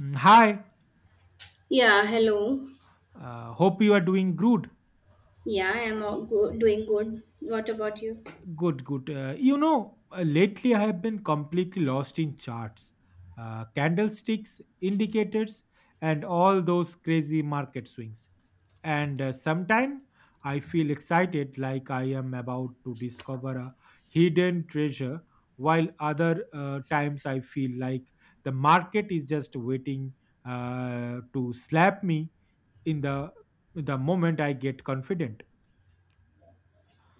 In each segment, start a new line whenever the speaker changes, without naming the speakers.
Hi,
Yeah, hello.
hope you are doing good.
Yeah, I am doing good. What about you?
Good, good. Lately I have been completely lost in charts, candlesticks, indicators, and all those crazy market swings. And Sometimes I feel excited like I am about to discover a hidden treasure, while other times I feel like the market is just waiting to slap me in the moment I get confident.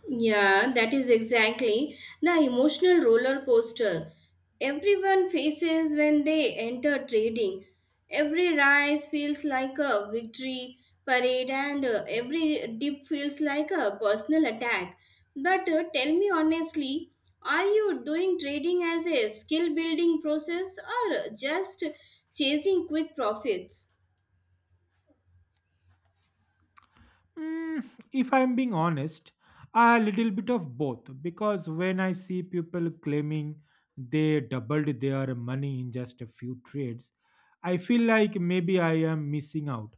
Yeah, that is exactly the emotional roller coaster everyone faces when they enter trading. Every rise feels like a victory parade, and every dip feels like a personal attack. But tell me honestly, are you doing trading as a skill building process or just chasing quick profits?
Mm, if I'm being honest, a little bit of both because when I see people claiming they doubled their money in just a few trades, I feel like maybe I am missing out.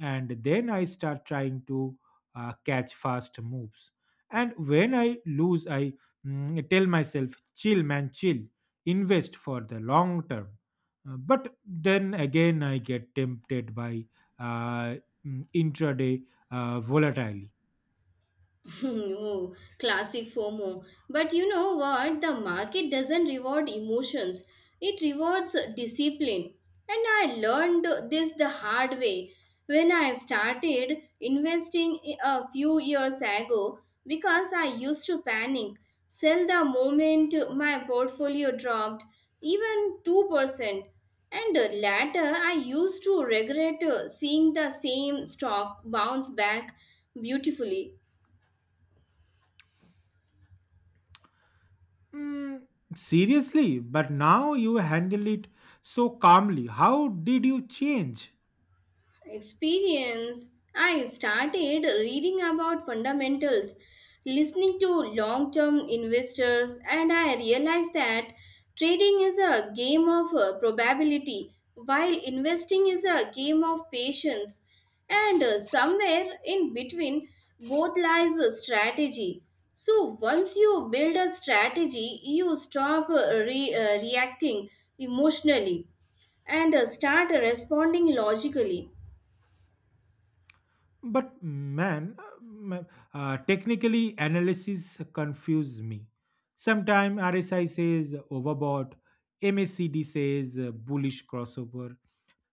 And then I start trying to catch fast moves. And when I lose, I tell myself, chill, man, chill, invest for the long term. But then again, I get tempted by uh, intraday volatilely.
Oh, classic FOMO. But you know what? The market doesn't reward emotions, it rewards discipline. And I learned this the hard way when I started investing a few years ago because I used to panic, sell the moment my portfolio dropped, even 2%. And later, I used to regret seeing the same stock bounce back beautifully.
Mm, Seriously, but now you handle it so calmly. How did you change?
Experience, I started reading about fundamentals, listening to long term investors, and I realized that trading is a game of probability, while investing is a game of patience. And somewhere in between, both lies a strategy. So, once you build a strategy, you stop reacting emotionally and start responding logically.
But man, technically analysis confuse me. Sometimes RSI says overbought, MACD says bullish crossover,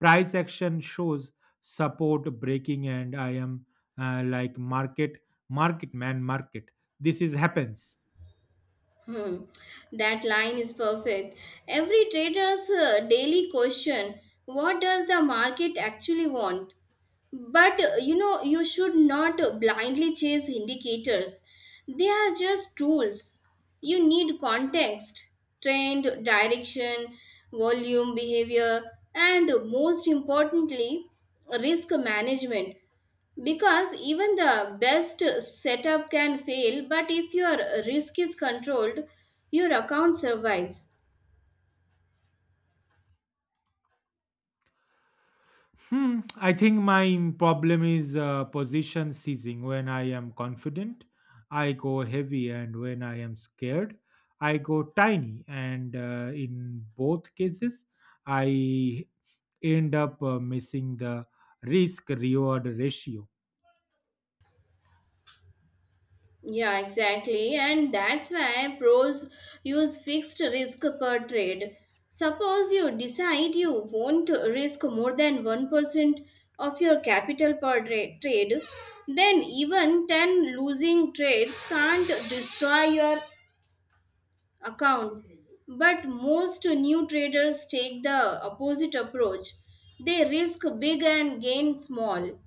price action shows support breaking, and I am like market, market man, market. This is happens.
Hmm, that line is perfect. Every trader's daily question, what does the market actually want? But you know, you should not blindly chase indicators. They are just tools. You need context, trend, direction, volume, behavior, and most importantly, risk management. Because even the best setup can fail, but if your risk is controlled, your account survives.
I think my problem is position seizing. When I am confident, I go heavy, and when I am scared, I go tiny. And In both cases, I end up missing the risk reward ratio.
Yeah, exactly. And that's why pros use fixed risk per trade. Suppose you decide you won't risk more than 1% of your capital per trade, then even 10 losing trades can't destroy your account. But most new traders take the opposite approach. They risk big and gain small.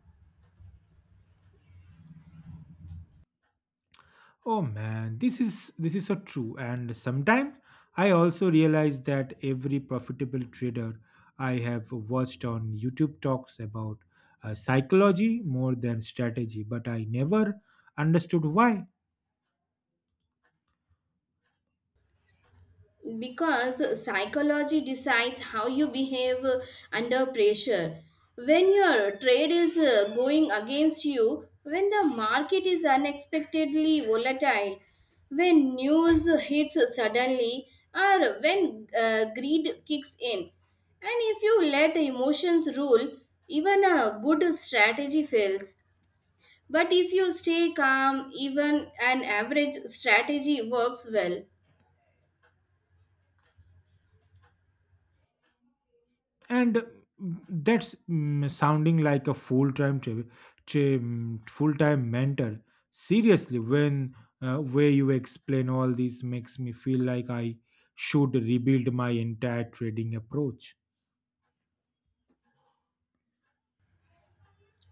Oh man, this is so true. And sometimes I also realize that every profitable trader I have watched on YouTube talks about psychology more than strategy, but I never understood why.
Because psychology decides how you behave under pressure, when your trade is going against you, when the market is unexpectedly volatile, when news hits suddenly, or when greed kicks in. And if you let emotions rule, even a good strategy fails, but if you stay calm, even an average strategy works well.
And that's sounding like a full-time tra- tra- mm, full-time mentor. Seriously, when way you explain all this makes me feel like I should rebuild my entire trading approach.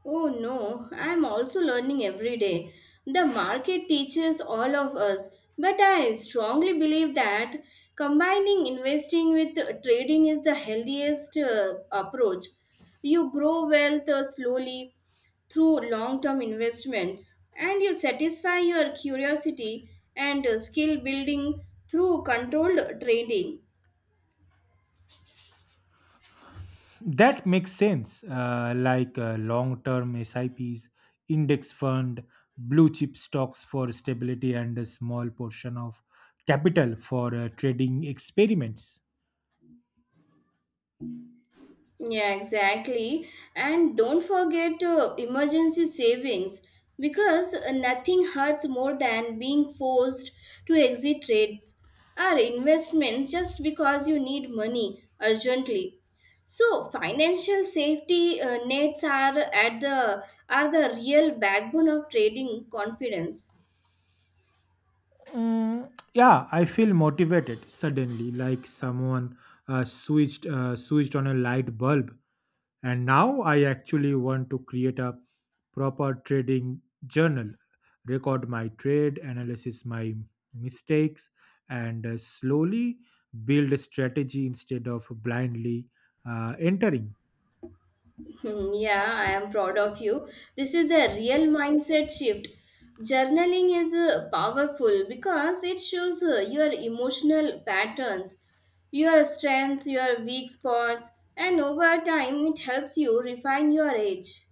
Oh no, I'm also learning every day. The market teaches all of us, but I strongly believe that combining investing with trading is the healthiest approach. You grow wealth slowly through long term investments, and you satisfy your curiosity and skill building through controlled trading.
That makes sense, like long term SIPs, index fund, blue chip stocks for stability, and a small portion of capital for trading experiments.
Yeah, exactly. And don't forget emergency savings, because nothing hurts more than being forced to exit trades or investments just because you need money urgently. So financial safety nets are at the are the real backbone of trading confidence.
Yeah, I feel motivated suddenly, like someone switched on a light bulb. And now I actually want to create a proper trading journal, record my trade, analysis my mistakes, and slowly build a strategy instead of blindly entering.
Hmm. Yeah, I am proud of you. This is the real mindset shift. Journaling is powerful because it shows your emotional patterns, your strengths, your weak spots, and over time it helps you refine your edge.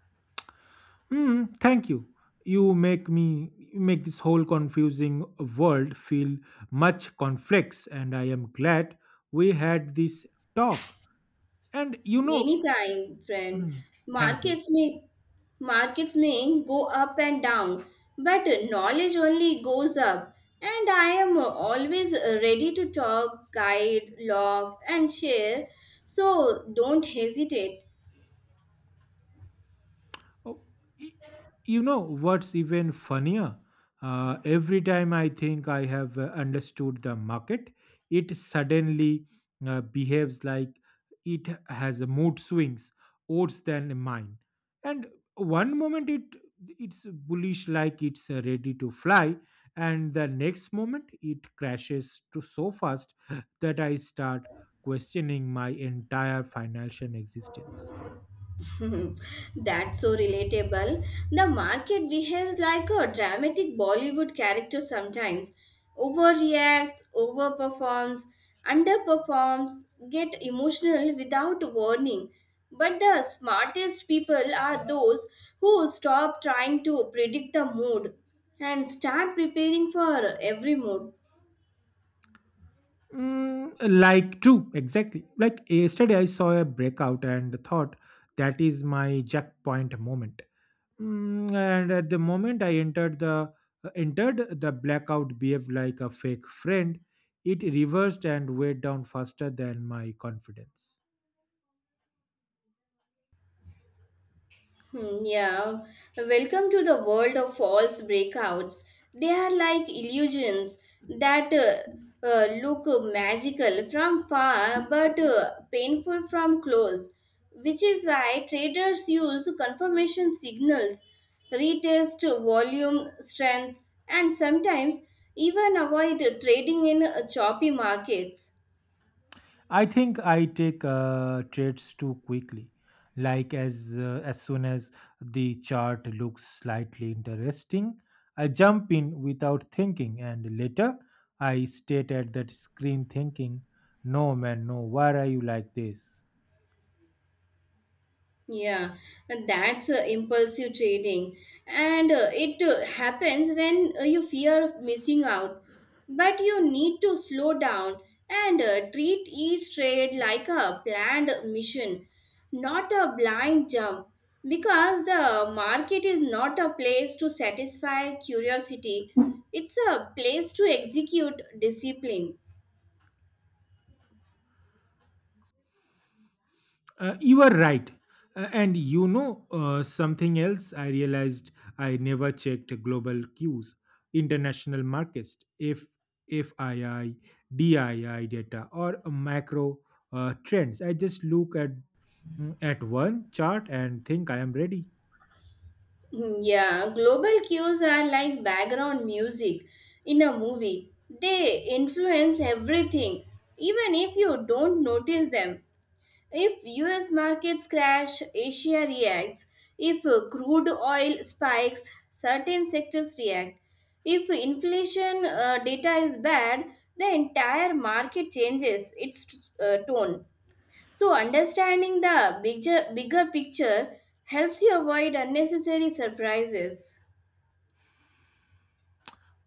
Thank you. You make me you make this whole confusing world feel much complex, and I am glad we had this talk. And you know,
Anytime, friend.
hmm, thank you.
Markets may Markets may go up and down, but knowledge only goes up. And I am always ready to talk, guide, laugh, and share. So don't hesitate.
Oh, y- you know what's even funnier? Every time I think I have understood the market, it suddenly behaves like it has a mood swings, odds than mine. And one moment it's bullish like it's ready to fly, and the next moment it crashes to so fast that I start questioning my entire financial existence.
That's so relatable. The market behaves like a dramatic Bollywood character sometimes. Overreacts, overperforms, underperforms, get emotional without warning. But the smartest people are those who stop trying to predict the mood and start preparing for every mood.
Like true, exactly. Like yesterday, I saw a breakout and thought that is my jackpoint moment. And at the moment I entered the blackout behaved like a fake friend. It reversed and weighed down faster than my confidence.
Hmm. Yeah, welcome to the world of false breakouts. They are like illusions that look magical from far but painful from close, which is why traders use confirmation signals, retest, volume, strength, and sometimes even avoid trading in choppy markets.
I think I take trades too quickly. Like as soon as the chart looks slightly interesting, I jump in without thinking, and later I state at that screen thinking, "No man, no, why are you like this?"
Yeah, and that's impulsive trading. And it happens when you fear of missing out. But you need to slow down and treat each trade like a planned mission, not a blind jump. Because the market is not a place to satisfy curiosity, it's a place to execute discipline.
You are right. And you know something else I realized I never checked global cues, international markets, if FII, DII data or macro trends. I just look at at one chart and think I am ready.
Hmm. Yeah, global cues are like background music in a movie. They influence everything, even if you don't notice them. If US markets crash, Asia reacts. If crude oil spikes, certain sectors react. If inflation data is bad, the entire market changes its tone. So, understanding the bigger picture helps you avoid unnecessary surprises.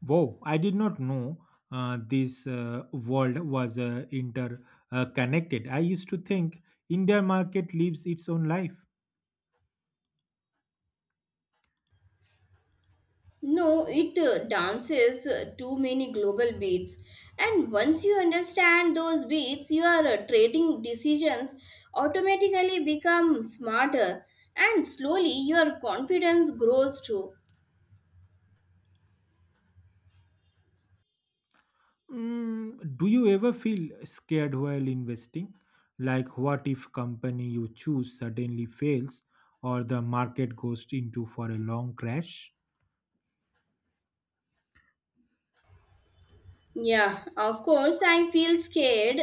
Wow, I did not know this world was interconnected. Connected. I used to think India market lives its own life.
No, it dances too many global beats. And once you understand those beats, your trading decisions automatically become smarter. And slowly, your confidence grows too.
Do you ever feel scared while investing? Like, what if company you choose suddenly fails or the market goes into for a long crash?
Yeah, of course, I feel scared.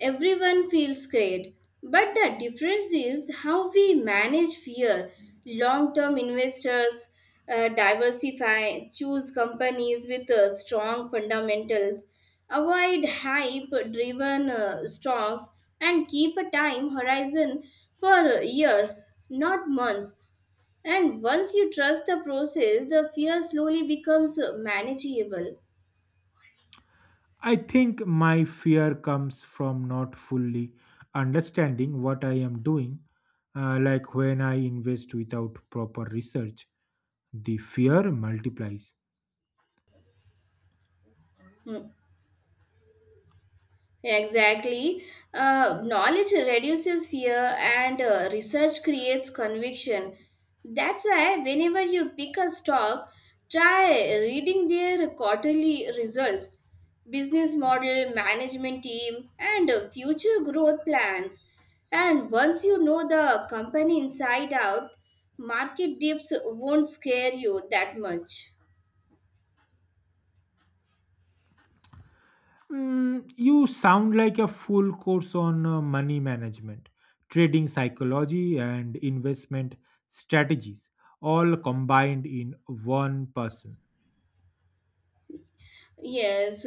Everyone feels scared. But the difference is how we manage fear. Long term investors diversify, choose companies with strong fundamentals, avoid hype driven stocks, and keep a time horizon for years, not months. And once you trust the process, the fear slowly becomes manageable.
I think my fear comes from not fully understanding what I am doing. Like when I invest without proper research, the fear multiplies.
Hmm. Exactly. Knowledge reduces fear and research creates conviction. That's why, whenever you pick a stock, try reading their quarterly results, business model, management team, and future growth plans. And once you know the company inside out, market dips won't scare you that much.
You sound like a full course on money management, trading psychology, and investment strategies, all combined in one person.
Yes,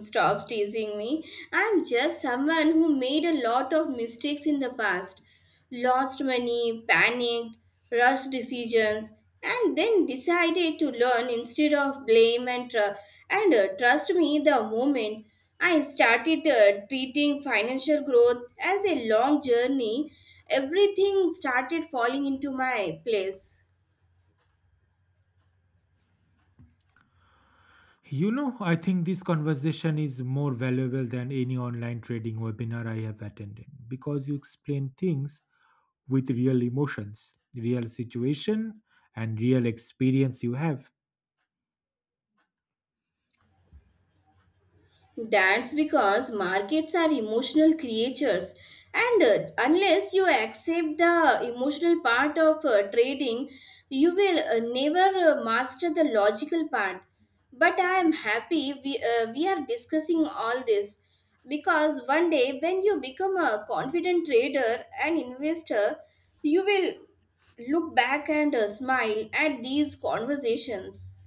stop teasing me. I'm just someone who made a lot of mistakes in the past. Lost money, panicked, rushed decisions, and then decided to learn instead of blame and trust me, the moment I started treating financial growth as a long journey, everything started falling into my place.
You know, I think this conversation is more valuable than any online trading webinar I have attended because you explain things with real emotions, real situation, and real experience you have.
That's because markets are emotional creatures, and unless you accept the emotional part of trading, you will never master the logical part. But I am happy we are discussing all this, because one day when you become a confident trader and investor, you will look back and smile at these conversations.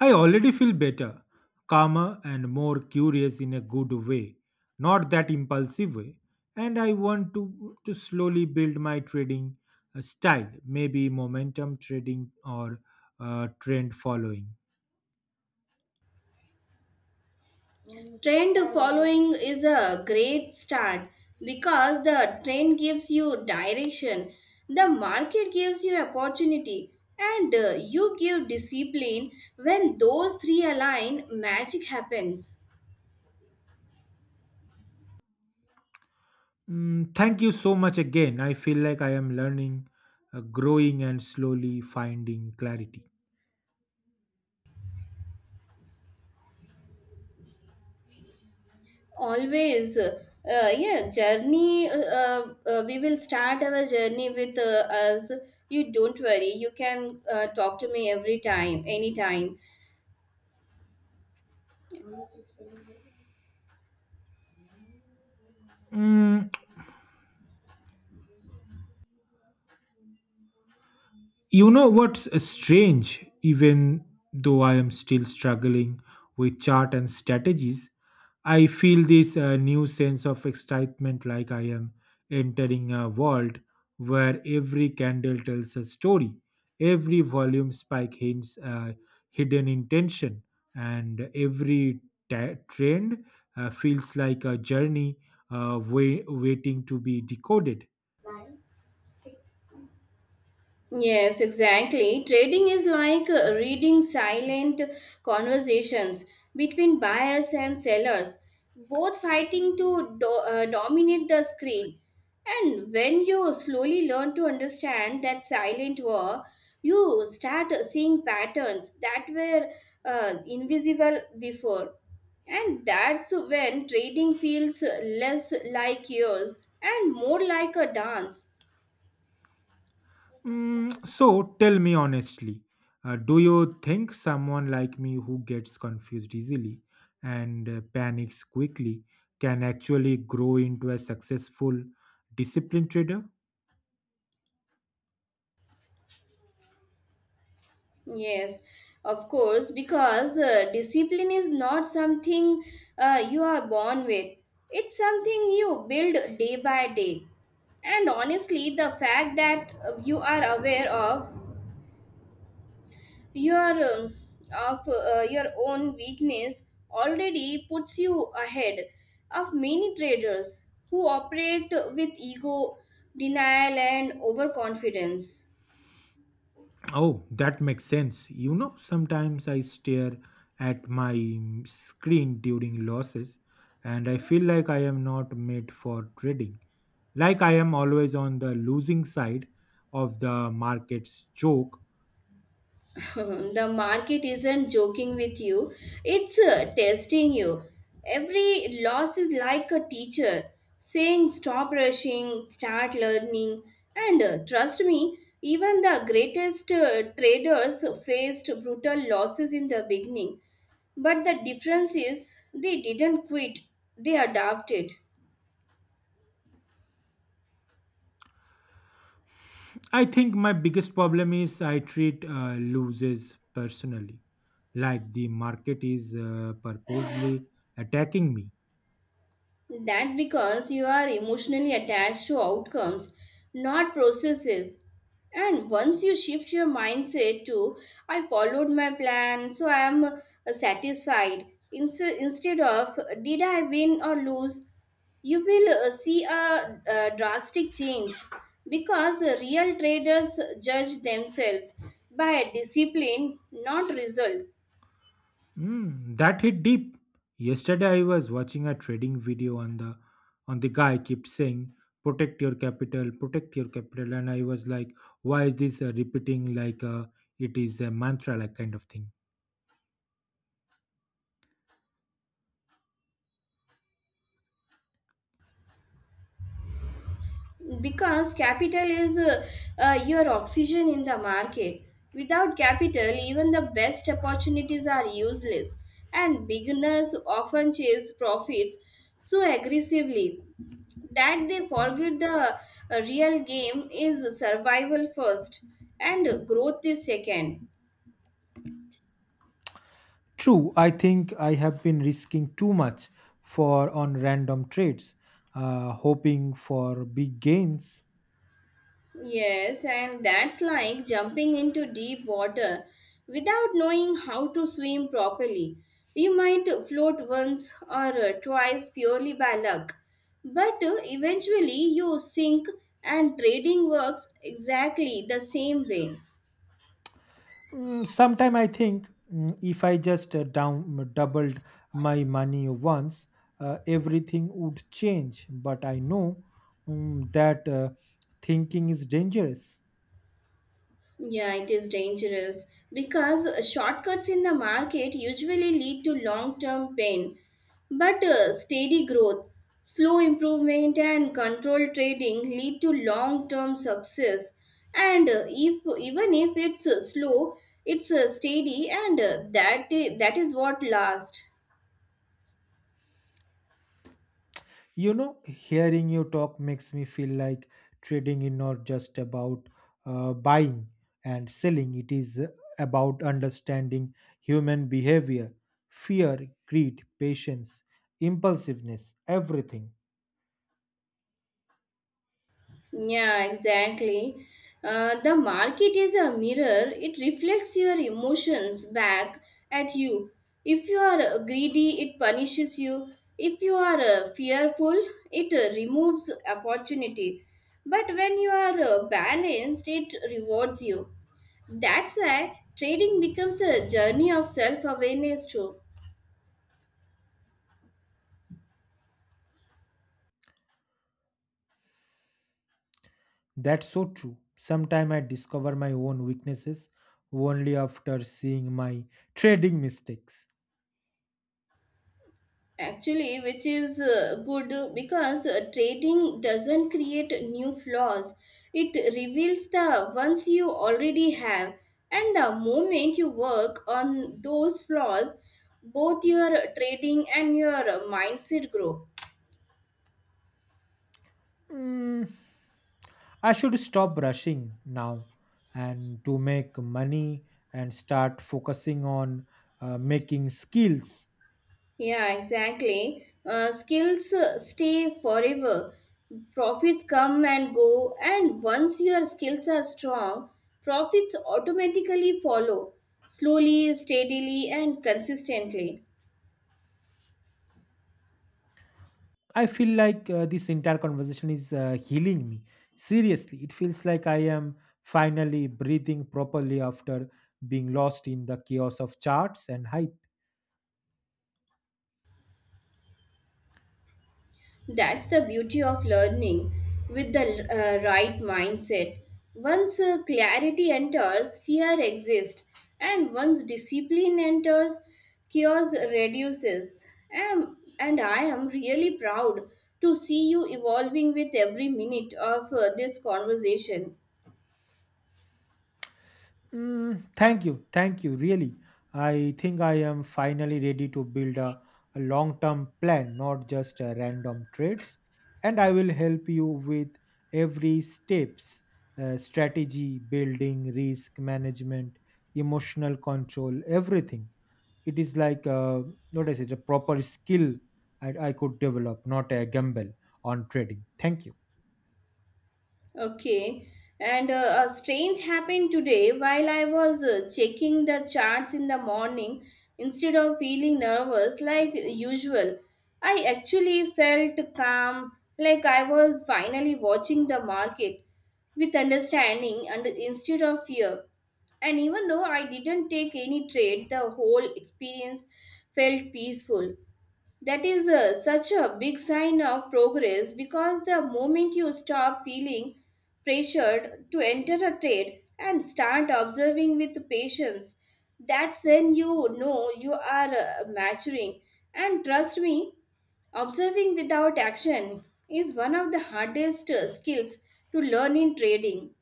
I already feel better, calmer, and more curious in a good way, not that impulsive way. And I want to slowly build my trading style, maybe momentum trading or trend following.
Trend following is a great start because the trend gives you direction, the market gives you opportunity, and you give discipline. When those three align, magic happens.
Thank you so much again. I feel like I am learning, growing, and slowly finding clarity.
Always, yeah, journey. We will start our journey with us. You don't worry, you can talk to me every time, anytime.
Mm, You know what's strange? Even though I am still struggling with chart and strategies, I feel this new sense of excitement like I am entering a world where every candle tells a story, every volume spike hints a hidden intention, and every trend feels like a journey waiting to be decoded.
Yes, exactly. Trading is like reading silent conversations between buyers and sellers, both fighting to dominate the screen. And when you slowly learn to understand that silent war, you start seeing patterns that were invisible before. And that's when trading feels less like yours and more like a dance.
So tell me honestly, do you think someone like me who gets confused easily and panics quickly can actually grow into a successful disciplined trader?
Yes, of course, because discipline is not something you are born with. It's something you build day by day. And honestly, the fact that you are aware of your um, your own weakness already puts you ahead of many traders who operate with ego, denial, and overconfidence.
Oh, that makes sense. You know, sometimes I stare at my screen during losses and I feel like I am not made for trading. Like I am always on the losing side of the market's joke.
The market isn't joking with you, it's testing you. Every loss is like a teacher saying, stop rushing, start learning. And trust me, even the greatest traders faced brutal losses in the beginning. But the difference is they didn't quit, they adapted.
I think my biggest problem is I treat losers personally, like the market is purposely attacking me.
That's because you are emotionally attached to outcomes, not processes. And once you shift your mindset to, I followed my plan, so I am satisfied, instead of, did I win or lose, you will see a, drastic change, because real traders judge themselves by discipline, not result.
That hit deep. Yesterday I was watching a trading video on the guy kept saying protect your capital, and I was like, why is this repeating like it is a mantra like kind of thing?
Because capital is your oxygen in the market. Without capital, even the best opportunities are useless, and beginners often chase profits so aggressively that they forget the real game is survival first and growth is second.
True, I think I have been risking too much for on random trades, hoping for big gains.
Yes, and that's like jumping into deep water without knowing how to swim properly. You might float once or twice purely by luck, but eventually you sink, and trading works exactly the same way.
Sometime I think if I just down doubled my money once, everything would change. But I know that thinking is dangerous.
Yeah, it is dangerous because shortcuts in the market usually lead to long term pain. But steady growth, slow improvement, and controlled trading lead to long term success. And if even if it's slow, it's steady, and that is what lasts.
You know, hearing you talk makes me feel like trading is not just about buying and selling, it is about understanding human behavior, fear, greed, patience, impulsiveness, everything.
Yeah, exactly. The market is a mirror, it reflects your emotions back at you. If you are greedy, it punishes you. If you are fearful, it removes opportunity. But when you are balanced, it rewards you. That's why trading becomes a journey of self awareness, too.
That's so true. Sometimes I discover my own weaknesses only after seeing my trading mistakes.
Actually, which is good, because trading doesn't create new flaws, it reveals the ones you already have. And the moment you work on those flaws, both your trading and your mindset grow.
Mm. I should stop rushing now and to make money and start focusing on making skills.
Yeah, exactly. Skills stay forever. Profits come and go, and once your skills are strong, profits automatically follow slowly, steadily, and consistently.
I feel like this entire conversation is healing me. Seriously, it feels like I am finally breathing properly after being lost in the chaos of charts and hype.
That's the beauty of learning with the right mindset. Once clarity enters, fear exists, and once discipline enters, chaos reduces. And I am really proud to see you evolving with every minute of this conversation.
Thank you. Thank you. Really. I think I am finally ready to build a long term plan, not just random trades. And I will help you with every steps strategy, building, risk management, emotional control, everything. It is like, what is it, a proper skill I could develop, not a gamble on trading. Thank you.
Okay. And a strange happened today while I was checking the charts in the morning. Instead of feeling nervous like usual, I actually felt calm, like I was finally watching the market with understanding and instead of fear. And even though I didn't take any trade, the whole experience felt peaceful. That is such a big sign of progress, because the moment you stop feeling pressured to enter a trade and start observing with patience, that's when you know you are maturing. And trust me, observing without action is one of the hardest skills to learn in trading.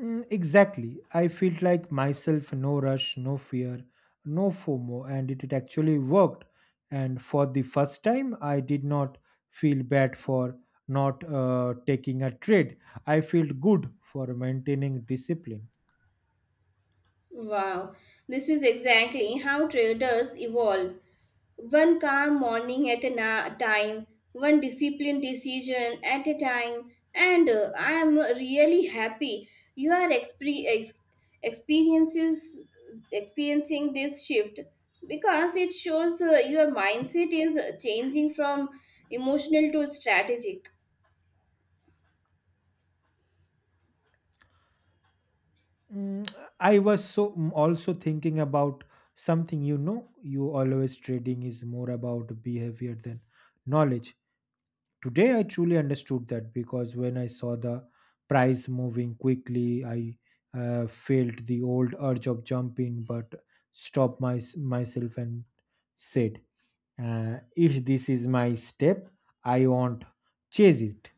Exactly. I felt like myself, no rush, no fear, no FOMO, and it actually worked. And for the first time, I did not feel bad for not taking a trade. I felt good for maintaining discipline.
Wow, this is exactly how traders evolve. One calm morning at a time, one disciplined decision at a time, and I am really happy you are expre- ex- experiences experiencing this shift, because it shows your mindset is changing from emotional to strategic.
Mm, I was so also thinking about something you know, you always trading is more about behavior than knowledge. Today, I truly understood that because when I saw the price moving quickly, I felt the old urge of jumping, but stopped myself and said, if this is my step, I won't chase it.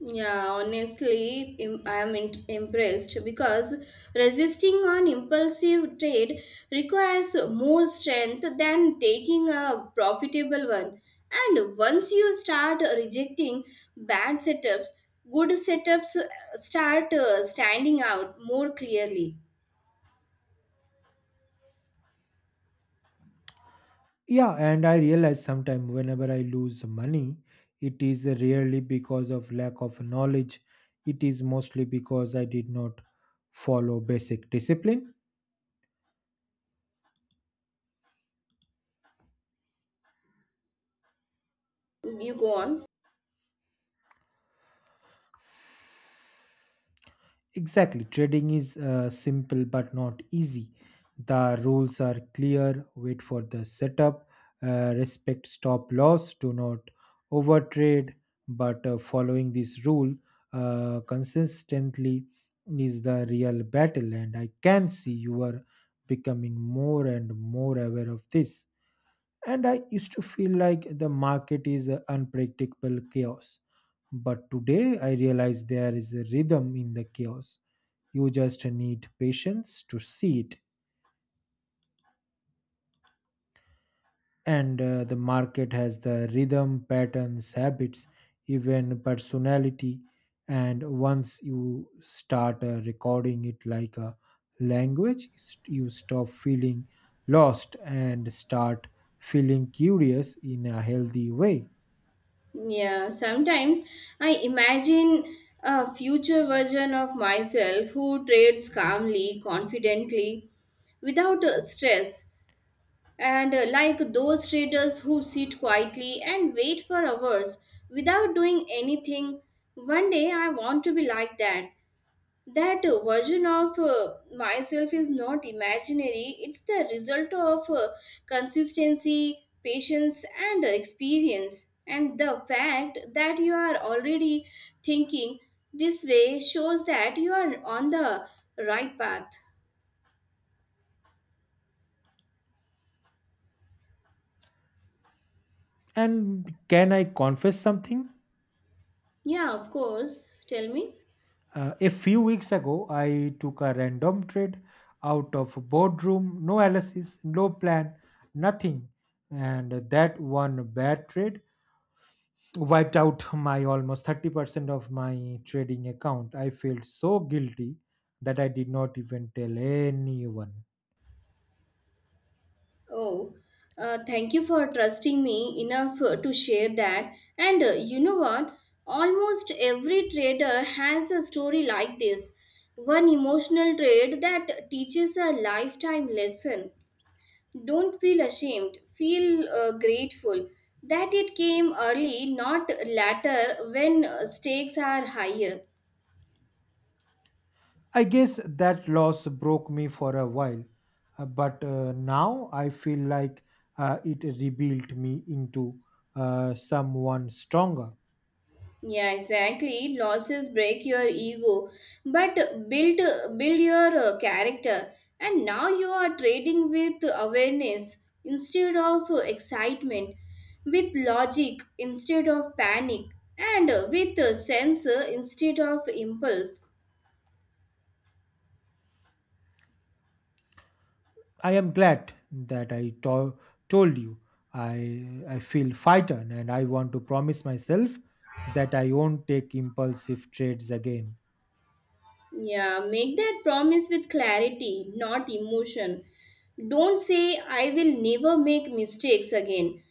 Yeah, honestly, I am impressed because resisting an impulsive trade requires more strength than taking a profitable one. And once you start rejecting bad setups, good setups start standing out more clearly.
Yeah, and I realize sometimes whenever I lose money, it is rarely because of lack of knowledge, it is mostly because I did not follow basic discipline.
You go on.
Exactly. Trading is simple but not easy. The rules are clear. Wait for the setup. Respect stop loss. Do not overtrade. But following this rule consistently is the real battle. And I can see you are becoming more and more aware of this. And I used to feel like the market is unpredictable chaos. But today I realize there is a rhythm in the chaos you just need patience to see it, and the market has the rhythm patterns habits even personality, and once you start recording it like a you stop feeling lost and start feeling curious in a healthy way.
Yeah, sometimes I imagine a future version of myself who trades calmly, confidently, without stress, and like those traders who sit quietly and wait for hours without doing anything. One day I want to be like that. Version of myself is not imaginary, it's the result of consistency, patience, and experience. And the fact that you are already thinking this way shows that you are on the right path.
And can I confess something?
Yeah, of course, tell me.
A few weeks ago, I took a random trade out of boardroom, no analysis, no plan, nothing. And that one bad trade wiped out my almost 30% of my trading account. I felt so guilty that I did not even tell anyone.
Oh, thank you for trusting me enough to share that. And you know what? Almost every trader has a story like this. One emotional trade that teaches a lifetime lesson. Don't feel ashamed, feel grateful that it came early, not later when stakes are higher.
I guess that loss broke me for a while, but now I feel like it rebuilt me into someone stronger.
Yeah, exactly. Losses break your ego, but build build your character. And now you are trading with awareness instead of excitement, with logic instead of panic, and with sense instead of impulse.
I am glad that I told you. I feel frightened and I want to promise myself that I won't take impulsive trades again.
Yeah, make that promise with clarity, not emotion. Don't say I will never make mistakes again.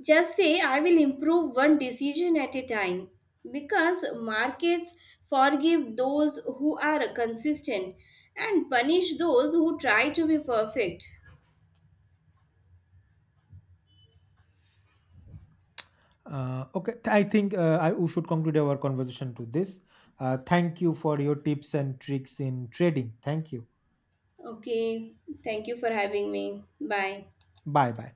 Just say I will improve one decision at a time, because markets forgive those who are consistent and punish those who try to be perfect.
Okay, I think I we should conclude our conversation to this. Thank you for your tips and tricks in trading. Thank you.
Okay, thank you for having me. Bye.
Bye bye.